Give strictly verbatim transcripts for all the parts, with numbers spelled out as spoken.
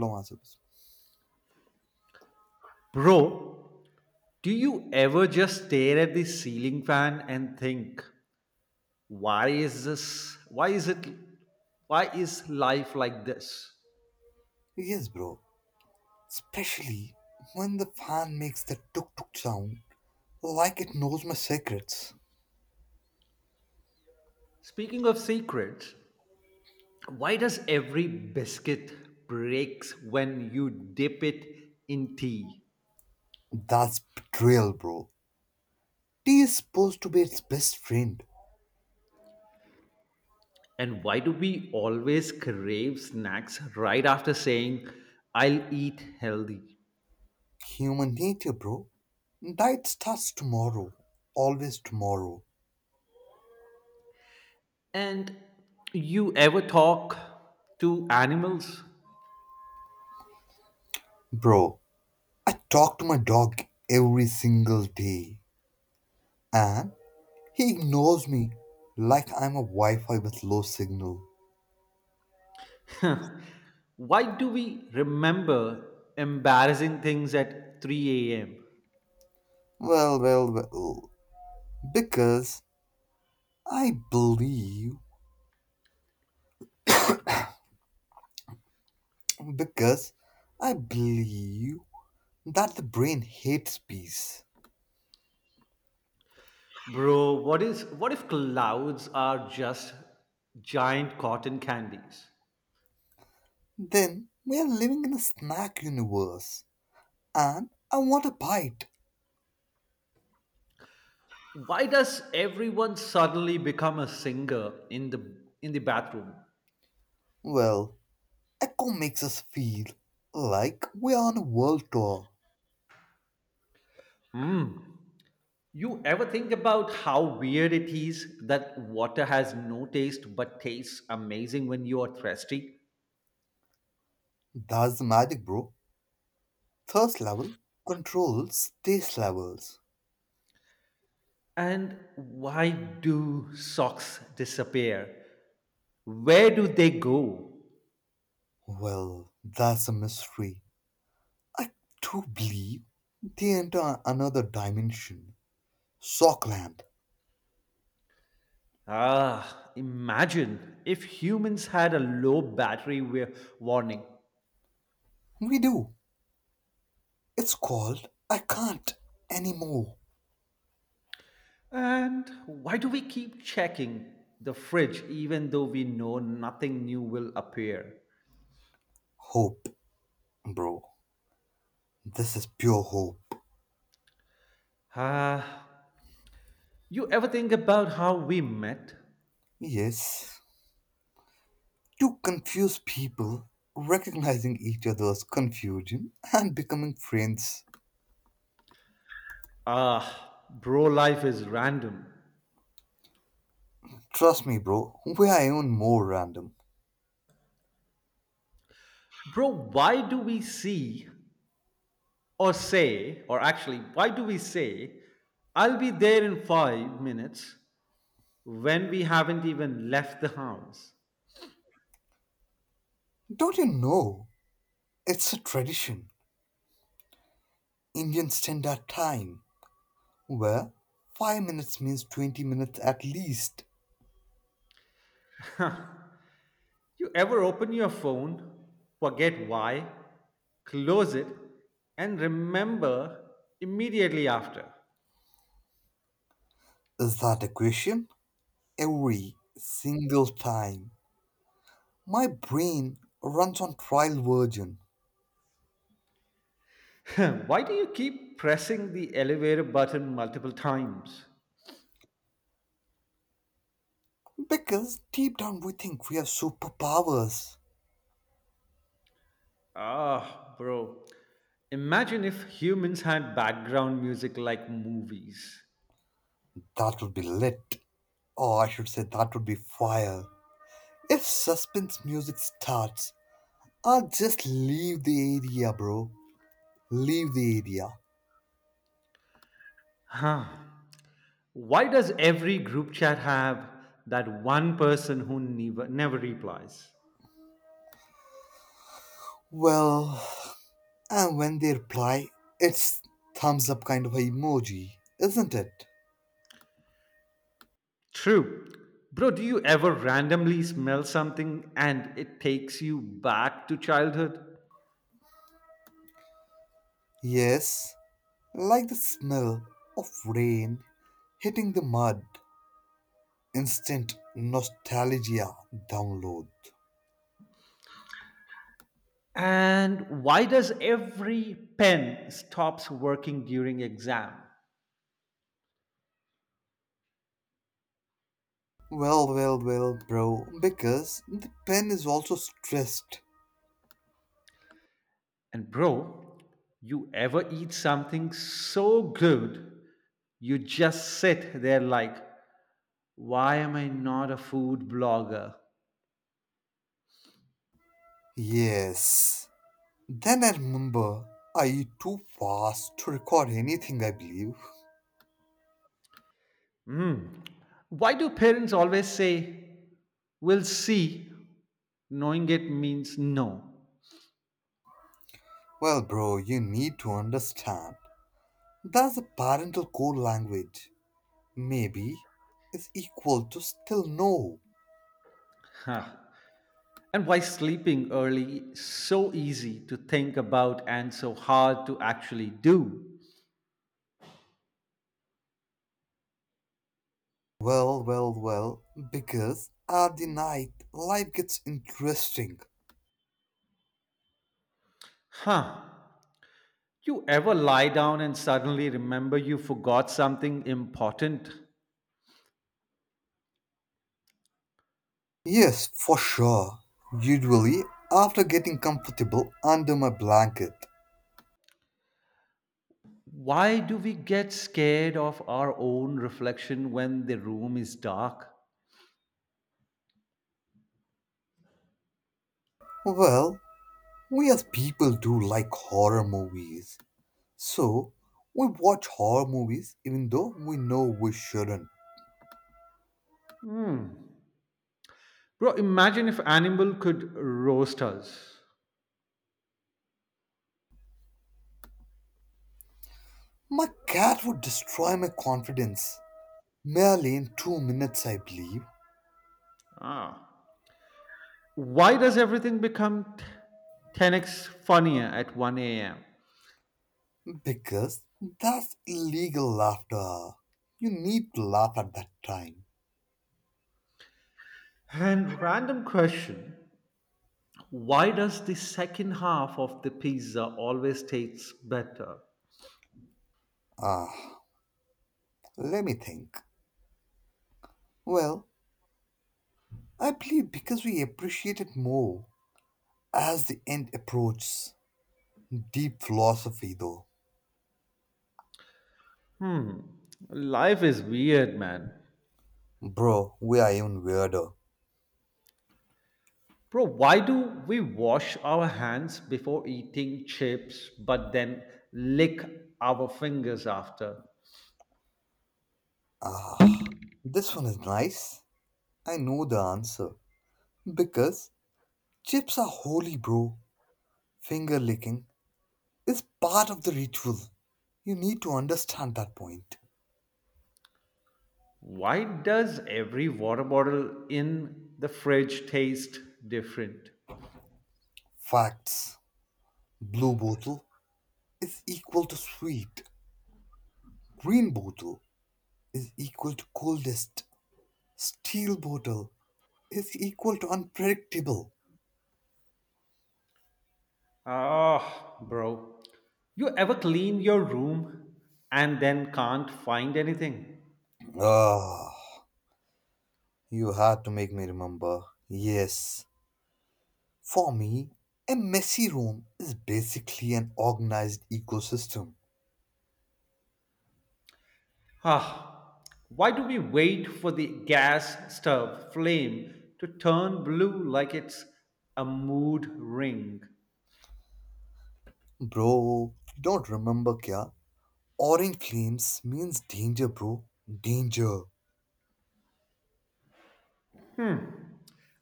No answers. Bro, do you ever just stare at the ceiling fan and think, why is this? Why is it? Why is life like this? Yes, bro. Especially when the fan makes the tuk tuk sound like it knows my secrets. Speaking of secrets, why does every biscuit breaks when you dip it in tea? That's betrayal, bro. Tea is supposed to be its best friend. And why do we always crave snacks right after saying, I'll eat healthy? Human nature, bro. Diet starts tomorrow. Always tomorrow. And you ever talk to animals? Bro, I talk to my dog every single day. And he ignores me like I'm a Wi Fi with low signal. Why do we remember embarrassing things at three a m? Well, well, well. Because I believe Because I believe that the brain hates peace. Bro, what is what if clouds are just giant cotton candies? Then we are living in a snack universe, and I want a bite. Why does everyone suddenly become a singer in the in the bathroom? Well, Echo makes us feel like we are on a world tour. You ever think about how weird it is that water has no taste but tastes amazing when you are thirsty? That's the magic, bro. Thirst level controls taste levels. And why do socks disappear? Where do they go? Well, that's a mystery. I do believe they enter another dimension. Sockland. Ah, imagine if humans had a low battery wa- warning. We do. It's called I Can't Anymore. And why do we keep checking the fridge even though we know nothing new will appear? Hope, bro. This is pure hope. Ah, you ever think about how we met? Yes. Two confused people recognizing each other's confusion and becoming friends. Ah, bro, life is random. Trust me, bro, we are even more random. Bro, why do we see or say, or actually, why do we say, I'll be there in five minutes when we haven't even left the house? Don't you know? It's a tradition. Indian standard time, where five minutes means twenty minutes at least. You ever open your phone, forget why, close it, and remember immediately after? Is that a question? Every single time. My brain runs on trial version Why do you keep pressing the elevator button multiple times? because deep down we think we have superpowers. Ah, bro. Imagine if humans had background music like movies. That would be lit, or I should say, that would be fire. If suspense music starts, I'll just leave the area, bro. Leave the area. Huh. Why does every group chat have that one person who never, never replies? Well, and when they reply, it's thumbs up kind of a emoji, isn't it? True. Bro, do you ever randomly smell something and it takes you back to childhood? Yes, like the smell of rain hitting the mud instant nostalgia download. And why does every pen stops working during exam? Well, well, well, bro, because the pen is also stressed. And bro, you ever eat something so good you just sit there like, why am I not a food blogger? Yes. Then I remember I eat too fast to record anything, I believe. Hmm. Why do parents always say, we'll see, knowing it means no? Well, bro, you need to understand. That's a parental code language. Maybe is equal to still no. Huh. And why sleeping early is so easy to think about and so hard to actually do? Well, well, well, because at the night life gets interesting. Huh. You ever lie down and suddenly remember you forgot something important? Yes, for sure. Usually, after getting comfortable under my blanket. Why do we get scared of our own reflection when the room is dark? Well, we as people do like horror movies. So, we watch horror movies even though we know we shouldn't. Hmm. Bro, imagine if animal could roast us. My cat would destroy my confidence merely in two minutes, I believe, Ah. Why does everything become t- ten x funnier at one a m? because that's illegal laughter. You need to laugh at that time. And random question. Why does the second half of the pizza always taste better? Ah, let me think. Well, I believe because we appreciate it more. As the end approaches, deep philosophy though. Hmm. Life is weird, man. Bro, we are even weirder. Bro, why do we wash our hands before eating chips but then lick our fingers after? Ah, this one is nice. I know the answer. Because chips are holy, bro. Finger licking is part of the ritual. You need to understand that point. Why does every water bottle in the fridge taste different? Facts. Blue bottle is equal to sweet, green bottle is equal to coldest, steel bottle is equal to unpredictable. Ah, bro. You ever clean your room and then can't find anything? Ah. You had to make me remember. Yes, for me, a messy room is basically an organized ecosystem. Ah, why do we wait for the gas stove flame to turn blue like it's a mood ring? Bro, you don't remember kya? Orange flames means danger, bro. Danger.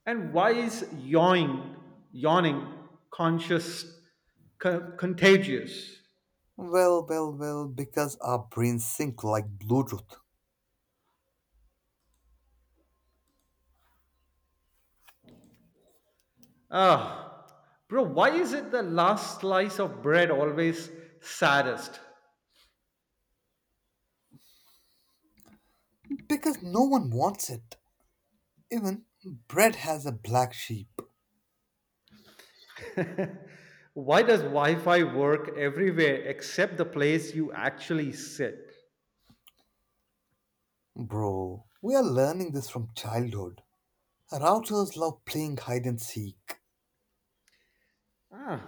And why is yawning, yawning conscious, co- contagious? Well, well, well, because our brains sink like Bluetooth. Ah, Bro, why is it the last slice of bread always saddest? Because no one wants it. Even bread has a black sheep. Why does Wi Fi work everywhere except the place you actually sit? Bro, we are learning this from childhood. Routers love playing hide and seek. Ah,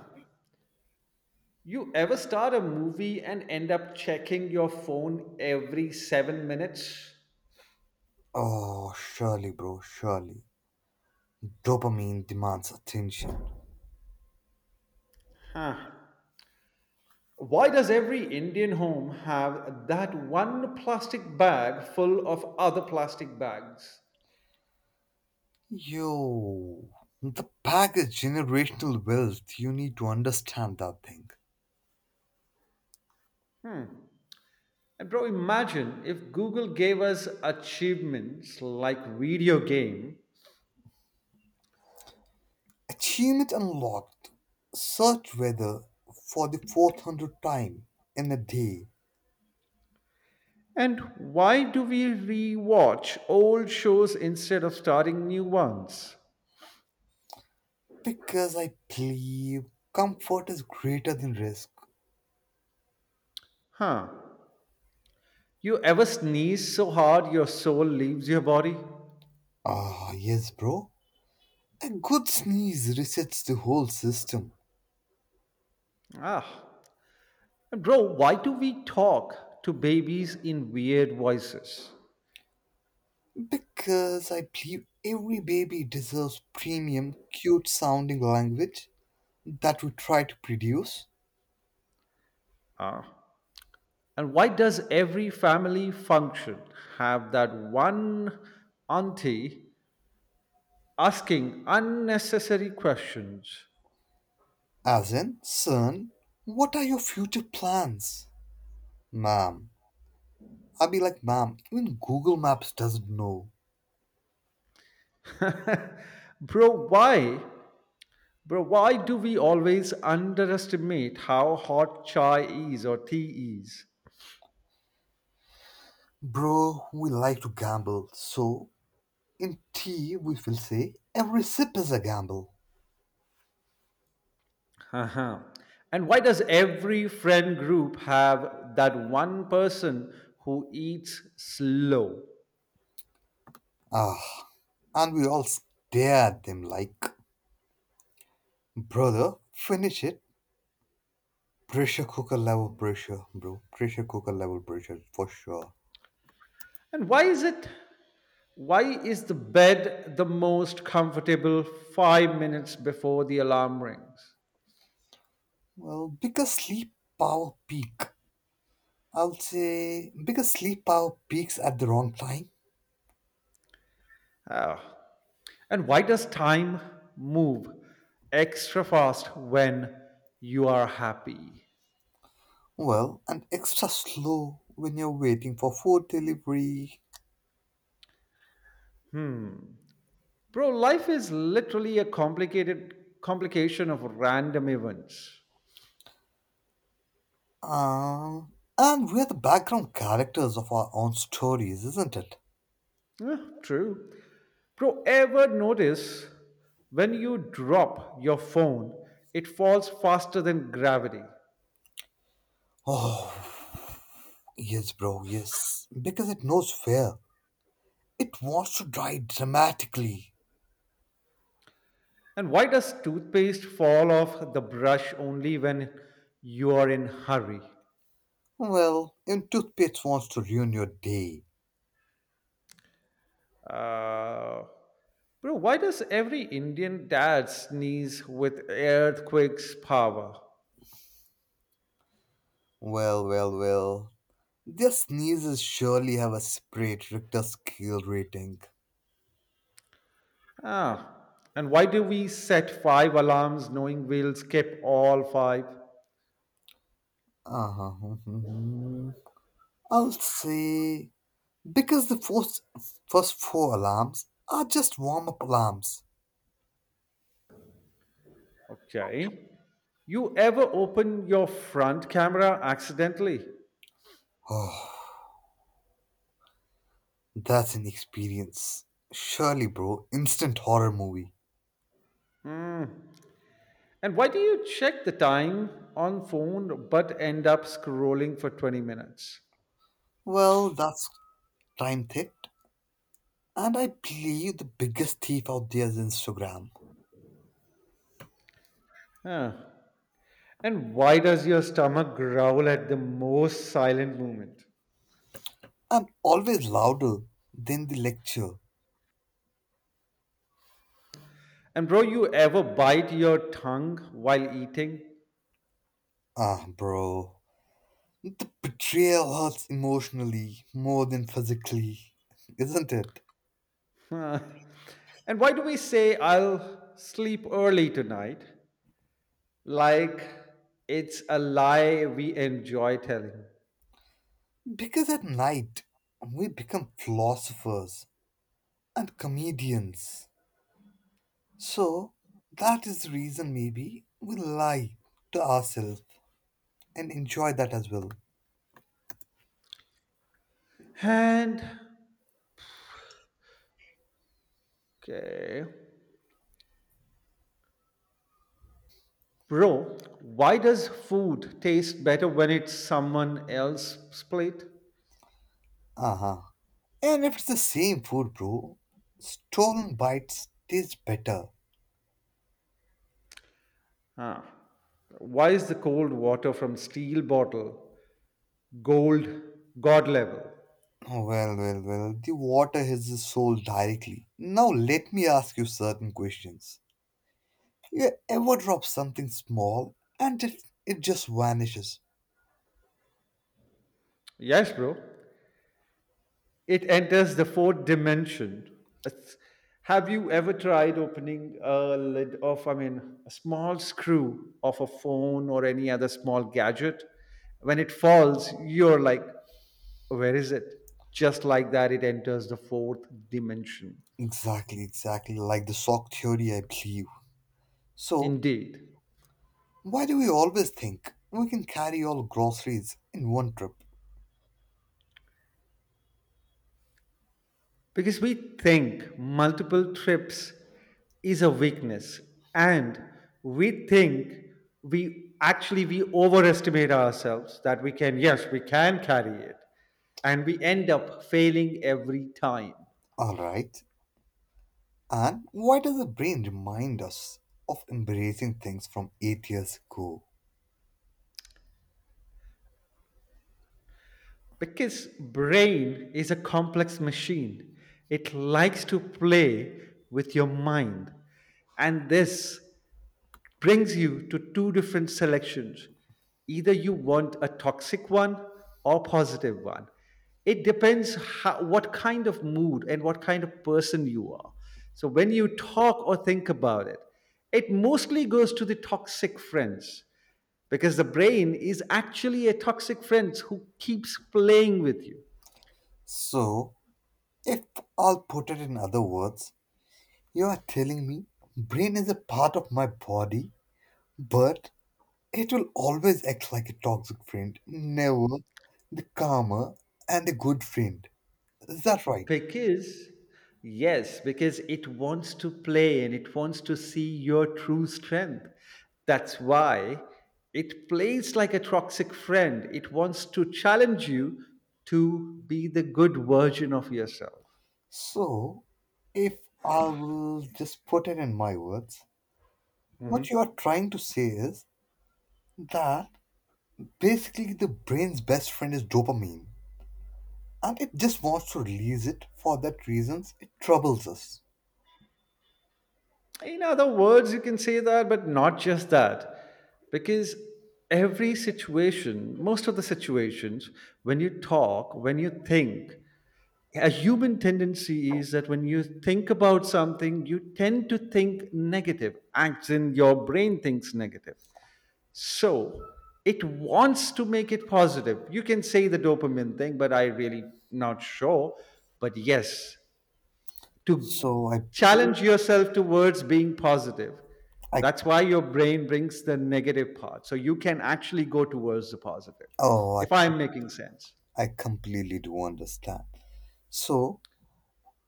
You ever start a movie and end up checking your phone every seven minutes? Oh, surely, bro, surely. Dopamine demands attention. Huh. Why does every Indian home have that one plastic bag full of other plastic bags? Yo, the pack is generational wealth. You need to understand that thing. Hmm. And bro, imagine if Google gave us achievements like video game. Achievement unlocked. Search weather for the fourth hundred time in a day And why do we rewatch old shows instead of starting new ones? because I believe comfort is greater than risk. Huh. You ever sneeze so hard your soul leaves your body? Ah, yes, bro. A good sneeze resets the whole system. Ah, and bro, why do we talk to babies in weird voices? Because I believe every baby deserves premium, cute sounding language that we try to produce. Ah, and why does every family function have that one auntie asking unnecessary questions? As in, son, what are your future plans? Ma'am. I'll be like, ma'am, even Google Maps doesn't know. Bro, why? Bro, why do we always underestimate how hot chai is or tea is? Bro, we like to gamble, so in tea we will say every sip is a gamble. Uh-huh. And why does every friend group have that one person who eats slow? Ah, and we all stare at them like, brother, finish it. Pressure cooker level pressure, bro. Pressure cooker level pressure for sure. And why is it why is the bed the most comfortable five minutes before the alarm rings? Well, because sleep power peak. I'll say because sleep power peaks at the wrong time. Ah. And why does time move extra fast when you are happy? Well, and extra slow when you're waiting for food delivery. Bro, life is literally a complicated complication of random events. Um, and we're the background characters of our own stories, isn't it? Yeah, true. Bro, ever notice when you drop your phone, it falls faster than gravity? Oh, yes, bro, yes. Because it knows fear. It wants to die dramatically. And why does toothpaste fall off the brush only when you are in hurry? Well, even toothpaste wants to ruin your day. Uh, Bro, why does every Indian dad sneeze with earthquake's power? Well, well, well. Their sneezes surely have a separate Richter scale rating. Ah, and why do we set five alarms knowing we'll skip all five? Uh-huh. I'll say because the first, first four alarms are just warm-up alarms. Okay. You ever open your front camera accidentally? Oh, that's an experience. Surely, bro, instant horror movie. Mm. And why do you check the time on phone but end up scrolling for twenty minutes? Well, that's time theft, and I believe the biggest thief out there is Instagram. Huh. And why does your stomach growl at the most silent moment? I'm always louder than the lecture. And bro, you ever bite your tongue while eating? Ah, bro. The betrayal hurts emotionally more than physically, isn't it? Huh. And why do we say I'll sleep early tonight? Like it's a lie we enjoy telling. Because at night, we become philosophers and comedians. So, that is the reason maybe we lie to ourselves and enjoy that as well. And Okay. Bro, why does food taste better when it's someone else's plate? Uh huh. And if it's the same food, bro, stolen bites taste better. Ah, Why is the cold water from steel bottle gold god level? Oh, well, well, well, the water hits the soul directly. Now, let me ask you certain questions. You ever drop something small and it, it just vanishes. Yes, bro. It enters the fourth dimension. It's- have you ever tried opening a lid of, I mean, a small screw of a phone or any other small gadget? When it falls, you're like, where is it? Just like that, it enters the fourth dimension. Exactly, exactly like the sock theory, I believe. So, Indeed. why do we always think we can carry all groceries in one trip? Because we think multiple trips is a weakness, and we think we actually we overestimate ourselves, that we can, yes, we can carry it, and we end up failing every time. Alright, and why does the brain remind us of embracing things from eight years ago? Because brain is a complex machine, it likes to play with your mind, and this brings you to two different selections. Either you want a toxic one or positive one. It depends how, what kind of mood and what kind of person you are. So when you talk or think about it, it mostly goes to the toxic friends because the brain is actually a toxic friend who keeps playing with you. So, if I'll put it in other words, you are telling me brain is a part of my body, but it will always act like a toxic friend, never the calmer and a good friend. Is that right? Because, yes, because it wants to play and it wants to see your true strength. That's why it plays like a toxic friend. It wants to challenge you to be the good version of yourself. So, if I will just put it in my words, what you Mhm. are trying to say is that basically the brain's best friend is dopamine and it just wants to release it for that reasons it troubles us. In other words, you can say that, but not just that. Because every situation, most of the situations, when you talk, when you think, a human tendency is that when you think about something, you tend to think negative. Acts in your brain thinks negative. So it wants to make it positive. You can say the dopamine thing, but I really not sure. But yes, to So I challenge yourself towards being positive. I That's why your brain brings the negative part. So you can actually go towards the positive, oh if I'm making sense. I, I completely do understand. So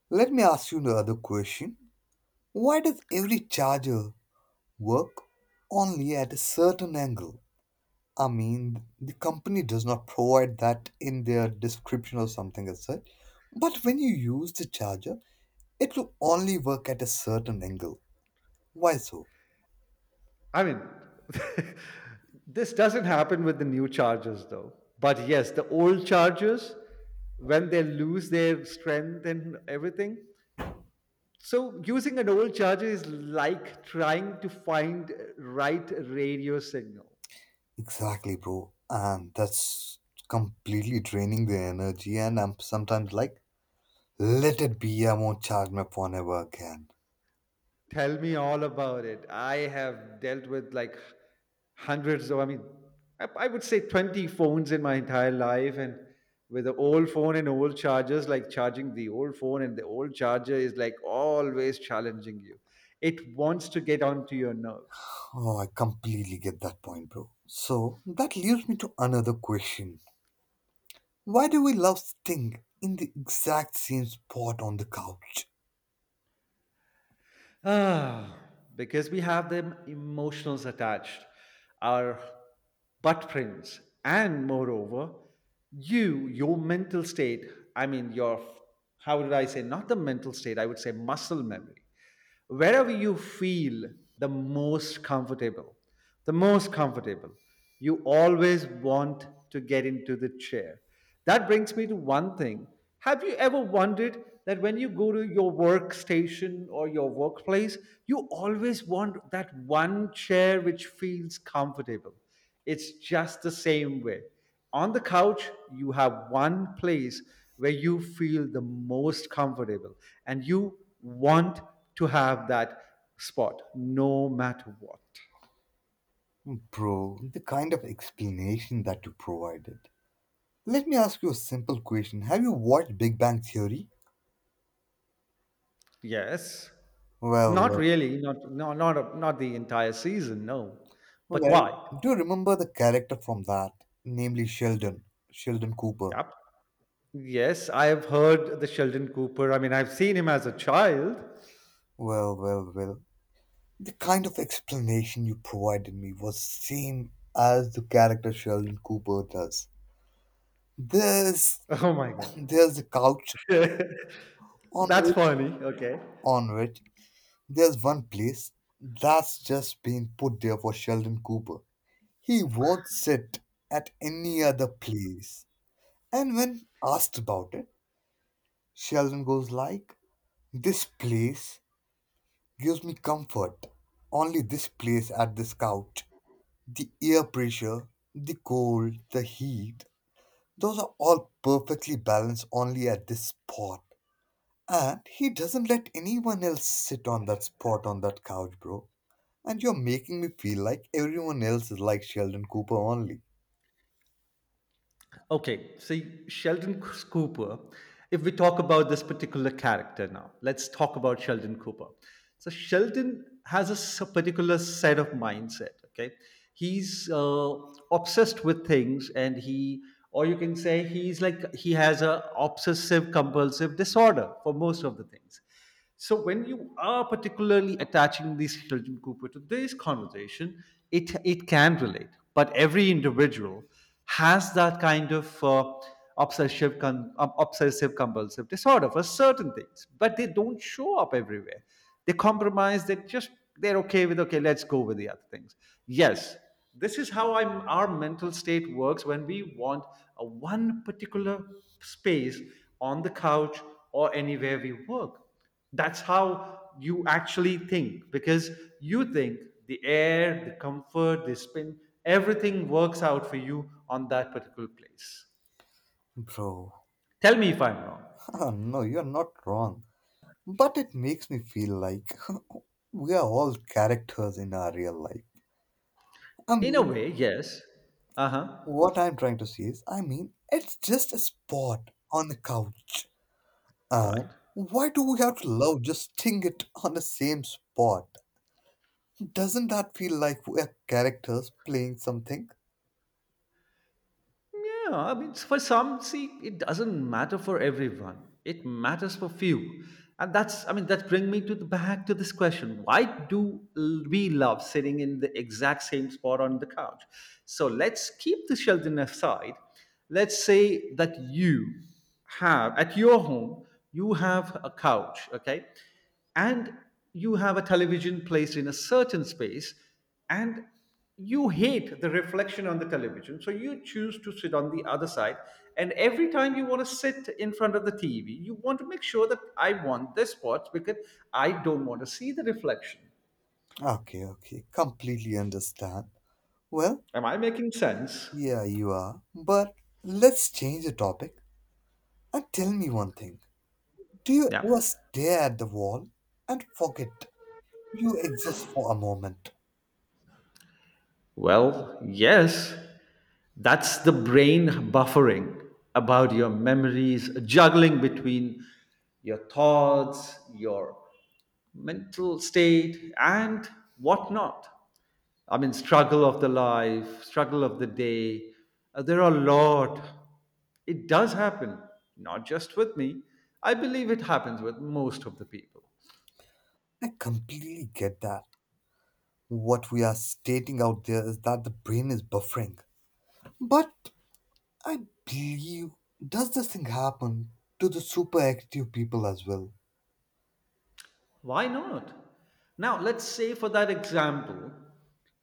let me ask you another question. Why does every charger work only at a certain angle? I mean, the company does not provide that in their description or something as such. But when you use the charger, it will only work at a certain angle. Why so? I mean, this doesn't happen with the new chargers though. But yes, the old chargers, when they lose their strength and everything. So using an old charger is like trying to find right radio signal. Exactly, bro. And that's completely draining the energy. And I'm sometimes like, let it be, I won't charge my phone ever again. Tell me all about it. I have dealt with like hundreds of, I mean, I, I would say twenty phones in my entire life. And with the old phone and old chargers, like charging the old phone and the old charger is like always challenging you. It wants to get onto your nerves. Oh, I completely get that point, bro. So that leaves me to another question. Why do we love sitting in the exact same spot on the couch? Ah, because we have them emotionals attached, our butt prints, and moreover, you, your mental state, I mean, your, how did I say, not the mental state, I would say muscle memory. Wherever you feel the most comfortable, the most comfortable you always want to get into the chair. That brings me to one thing. Have you ever wondered that when you go to your workstation or your workplace, you always want that one chair which feels comfortable? It's just the same way. On the couch, you have one place where you feel the most comfortable and you want to have that spot no matter what. Bro, the kind of explanation that you provided. Let me ask you a simple question. Have you watched Big Bang Theory? Yes. Well, Not well, really. Not no. Not a, not the entire season. No. But well, why? do you remember the character from that? Namely Sheldon, Sheldon Cooper. Yep. Yes, I have heard the Sheldon Cooper. I mean, I've seen him as a child. Well, well, well. The kind of explanation you provided me was same as the character Sheldon Cooper does. There's Oh my god. There's a couch on That's which funny. Okay. on which there's one place that's just been put there for Sheldon Cooper. He won't sit at any other place. And when asked about it, Sheldon goes like, "This place gives me comfort. Only this place at this couch. The air pressure, the cold, the heat, those are all perfectly balanced only at this spot." And he doesn't let anyone else sit on that spot on that couch, bro. And you're making me feel like everyone else is like Sheldon Cooper only. Okay, see, Sheldon Cooper, if we talk about this particular character now, let's talk about Sheldon Cooper. So, Sheldon has a s- particular set of mindset, okay? He's uh, obsessed with things, and he, or you can say, he's like, he has a obsessive compulsive disorder for most of the things. So when you are particularly attaching this Hilton Cooper to this conversation, it it can relate. But every individual has that kind of uh, obsessive con- um, obsessive compulsive disorder for certain things, but they don't show up everywhere. They compromise. They just they're okay with okay. Let's go with the other things. Yes, this is how I'm, our mental state works when we want a one particular space on the couch or anywhere we work. That's how you actually think, because you think the air, the comfort, the spin, everything works out for you on that particular place. Bro, Tell me if I'm wrong. no, you're not wrong. But it makes me feel like we are all characters in our real life. I In a mean, way, yes. Uh huh. what I'm trying to say is, I mean, it's just a spot on the couch. Right. And why do we have to love just thing it on the same spot? Doesn't that feel like we're characters playing something? Yeah, I mean, for some, see, it doesn't matter for everyone. It matters for few, and that's. I mean, that bring me to the back to this question: why do l- we love sitting in the exact same spot on the couch? So let's keep the Sheldon aside. Let's say that you have at your home, you have a couch, okay, and you have a television placed in a certain space, and you hate the reflection on the television, so you choose to sit on the other side. And every time you want to sit in front of the TV, you want to make sure that I want this spot because I don't want to see the reflection. Okay, okay, completely understand. Well, Am I making sense? yeah, you are. But let's change the topic and tell me one thing. Do you Yeah, ever stare at the wall and forget you exist for a moment? well, yes, that's the brain buffering about your memories, juggling between your thoughts, your mental state and whatnot. I mean, struggle of the life, struggle of the day. Uh, there are a lot. It does happen, not just with me. I believe it happens with most of the people. I completely get that. What we are stating out there is that the brain is buffering. But I believe, does this thing happen to the super active people as well? Why not? Now, let's say for that example,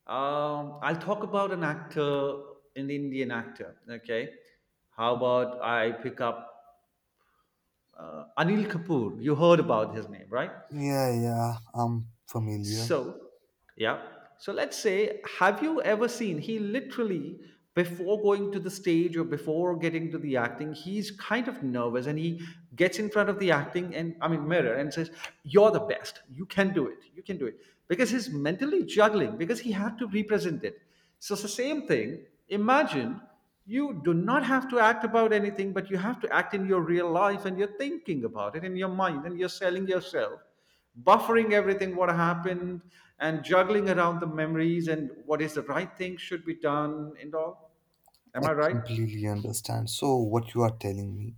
um, I'll talk about an actor, an Indian actor. Okay. How about I pick up uh, Anil Kapoor? You heard about his name, right? Yeah, yeah, I'm familiar. So, yeah. So let's say, have you ever seen he literally before going to the stage or before getting to the acting, he's kind of nervous and he gets in front of the acting and I mean mirror and says, "You're the best. You can do it. You can do it." Because he's mentally juggling because he had to represent it. So it's the same thing. Imagine you do not have to act about anything, but you have to act in your real life, and you're thinking about it in your mind, and you're selling yourself, buffering everything what happened and juggling around the memories and what is the right thing should be done and all. Am I I right? completely understand. So, what you are telling me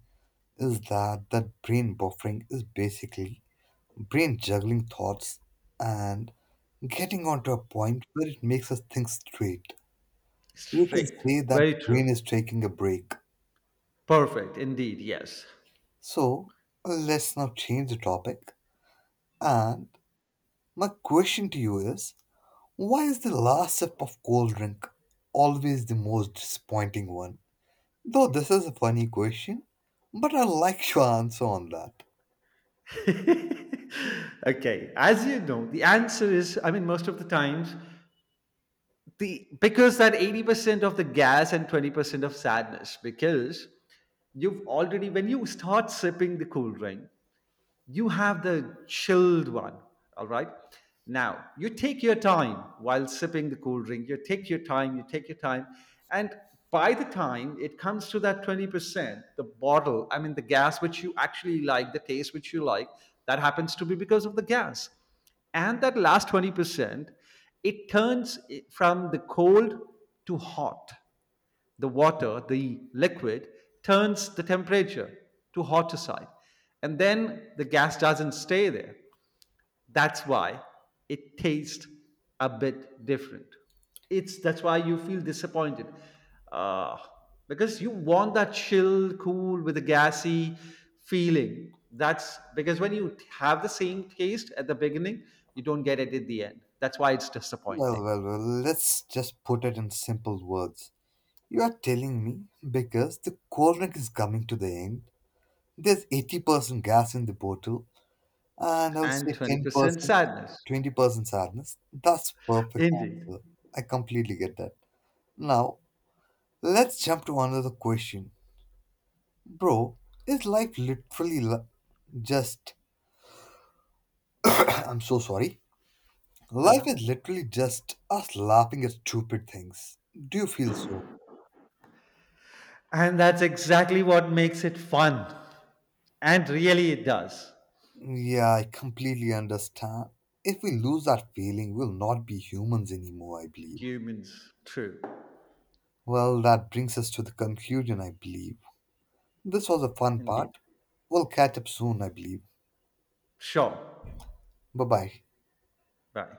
is that that brain buffering is basically brain juggling thoughts and getting on to a point where it makes us think straight. You can Straight. say that Very the true. brain is taking a break. Perfect. Indeed. Yes. So let's now change the topic. And my question to you is, why is the last sip of cold drink always the most disappointing one? Though this is a funny question, but I like your answer on that. Okay, as you know the answer is, I mean, most of the times, the because that eighty percent of the gas and twenty percent of sadness. Because you've already when you start sipping the cool drink, you have the chilled one. All right, now you take your time while sipping the cool drink. You take your time, you take your time. And by the time it comes to that twenty percent, the bottle, I mean the gas which you actually like, the taste which you like, that happens to be because of the gas. And that last twenty percent, it turns it from the cold to hot. The water, the liquid, turns the temperature to hotter side. And then the gas doesn't stay there. That's why it tastes a bit different. It's that's why you feel disappointed. Uh, because you want that chill, cool with a gassy feeling. That's because when you have the same taste at the beginning, you don't get it at the end. That's why it's disappointing. Well, well, well, let's just put it in simple words. You are telling me because the cognac is coming to the end. There's eighty percent gas in the bottle, and I would And say twenty percent ten percent, sadness. twenty percent sadness. That's perfect Indeed. answer. I completely get that. Now, let's jump to another question. Bro, is life literally li- just. I'm so sorry. Life Uh-huh. is literally just us laughing at stupid things. Do you feel so? And that's exactly what makes it fun. And really, it does. Yeah, I completely understand. If we lose that feeling, we'll not be humans anymore, I believe. Humans, true. Well, that brings us to the conclusion, I believe. This was a fun Indeed. part. We'll catch up soon, I believe. Sure. Bye bye. Bye.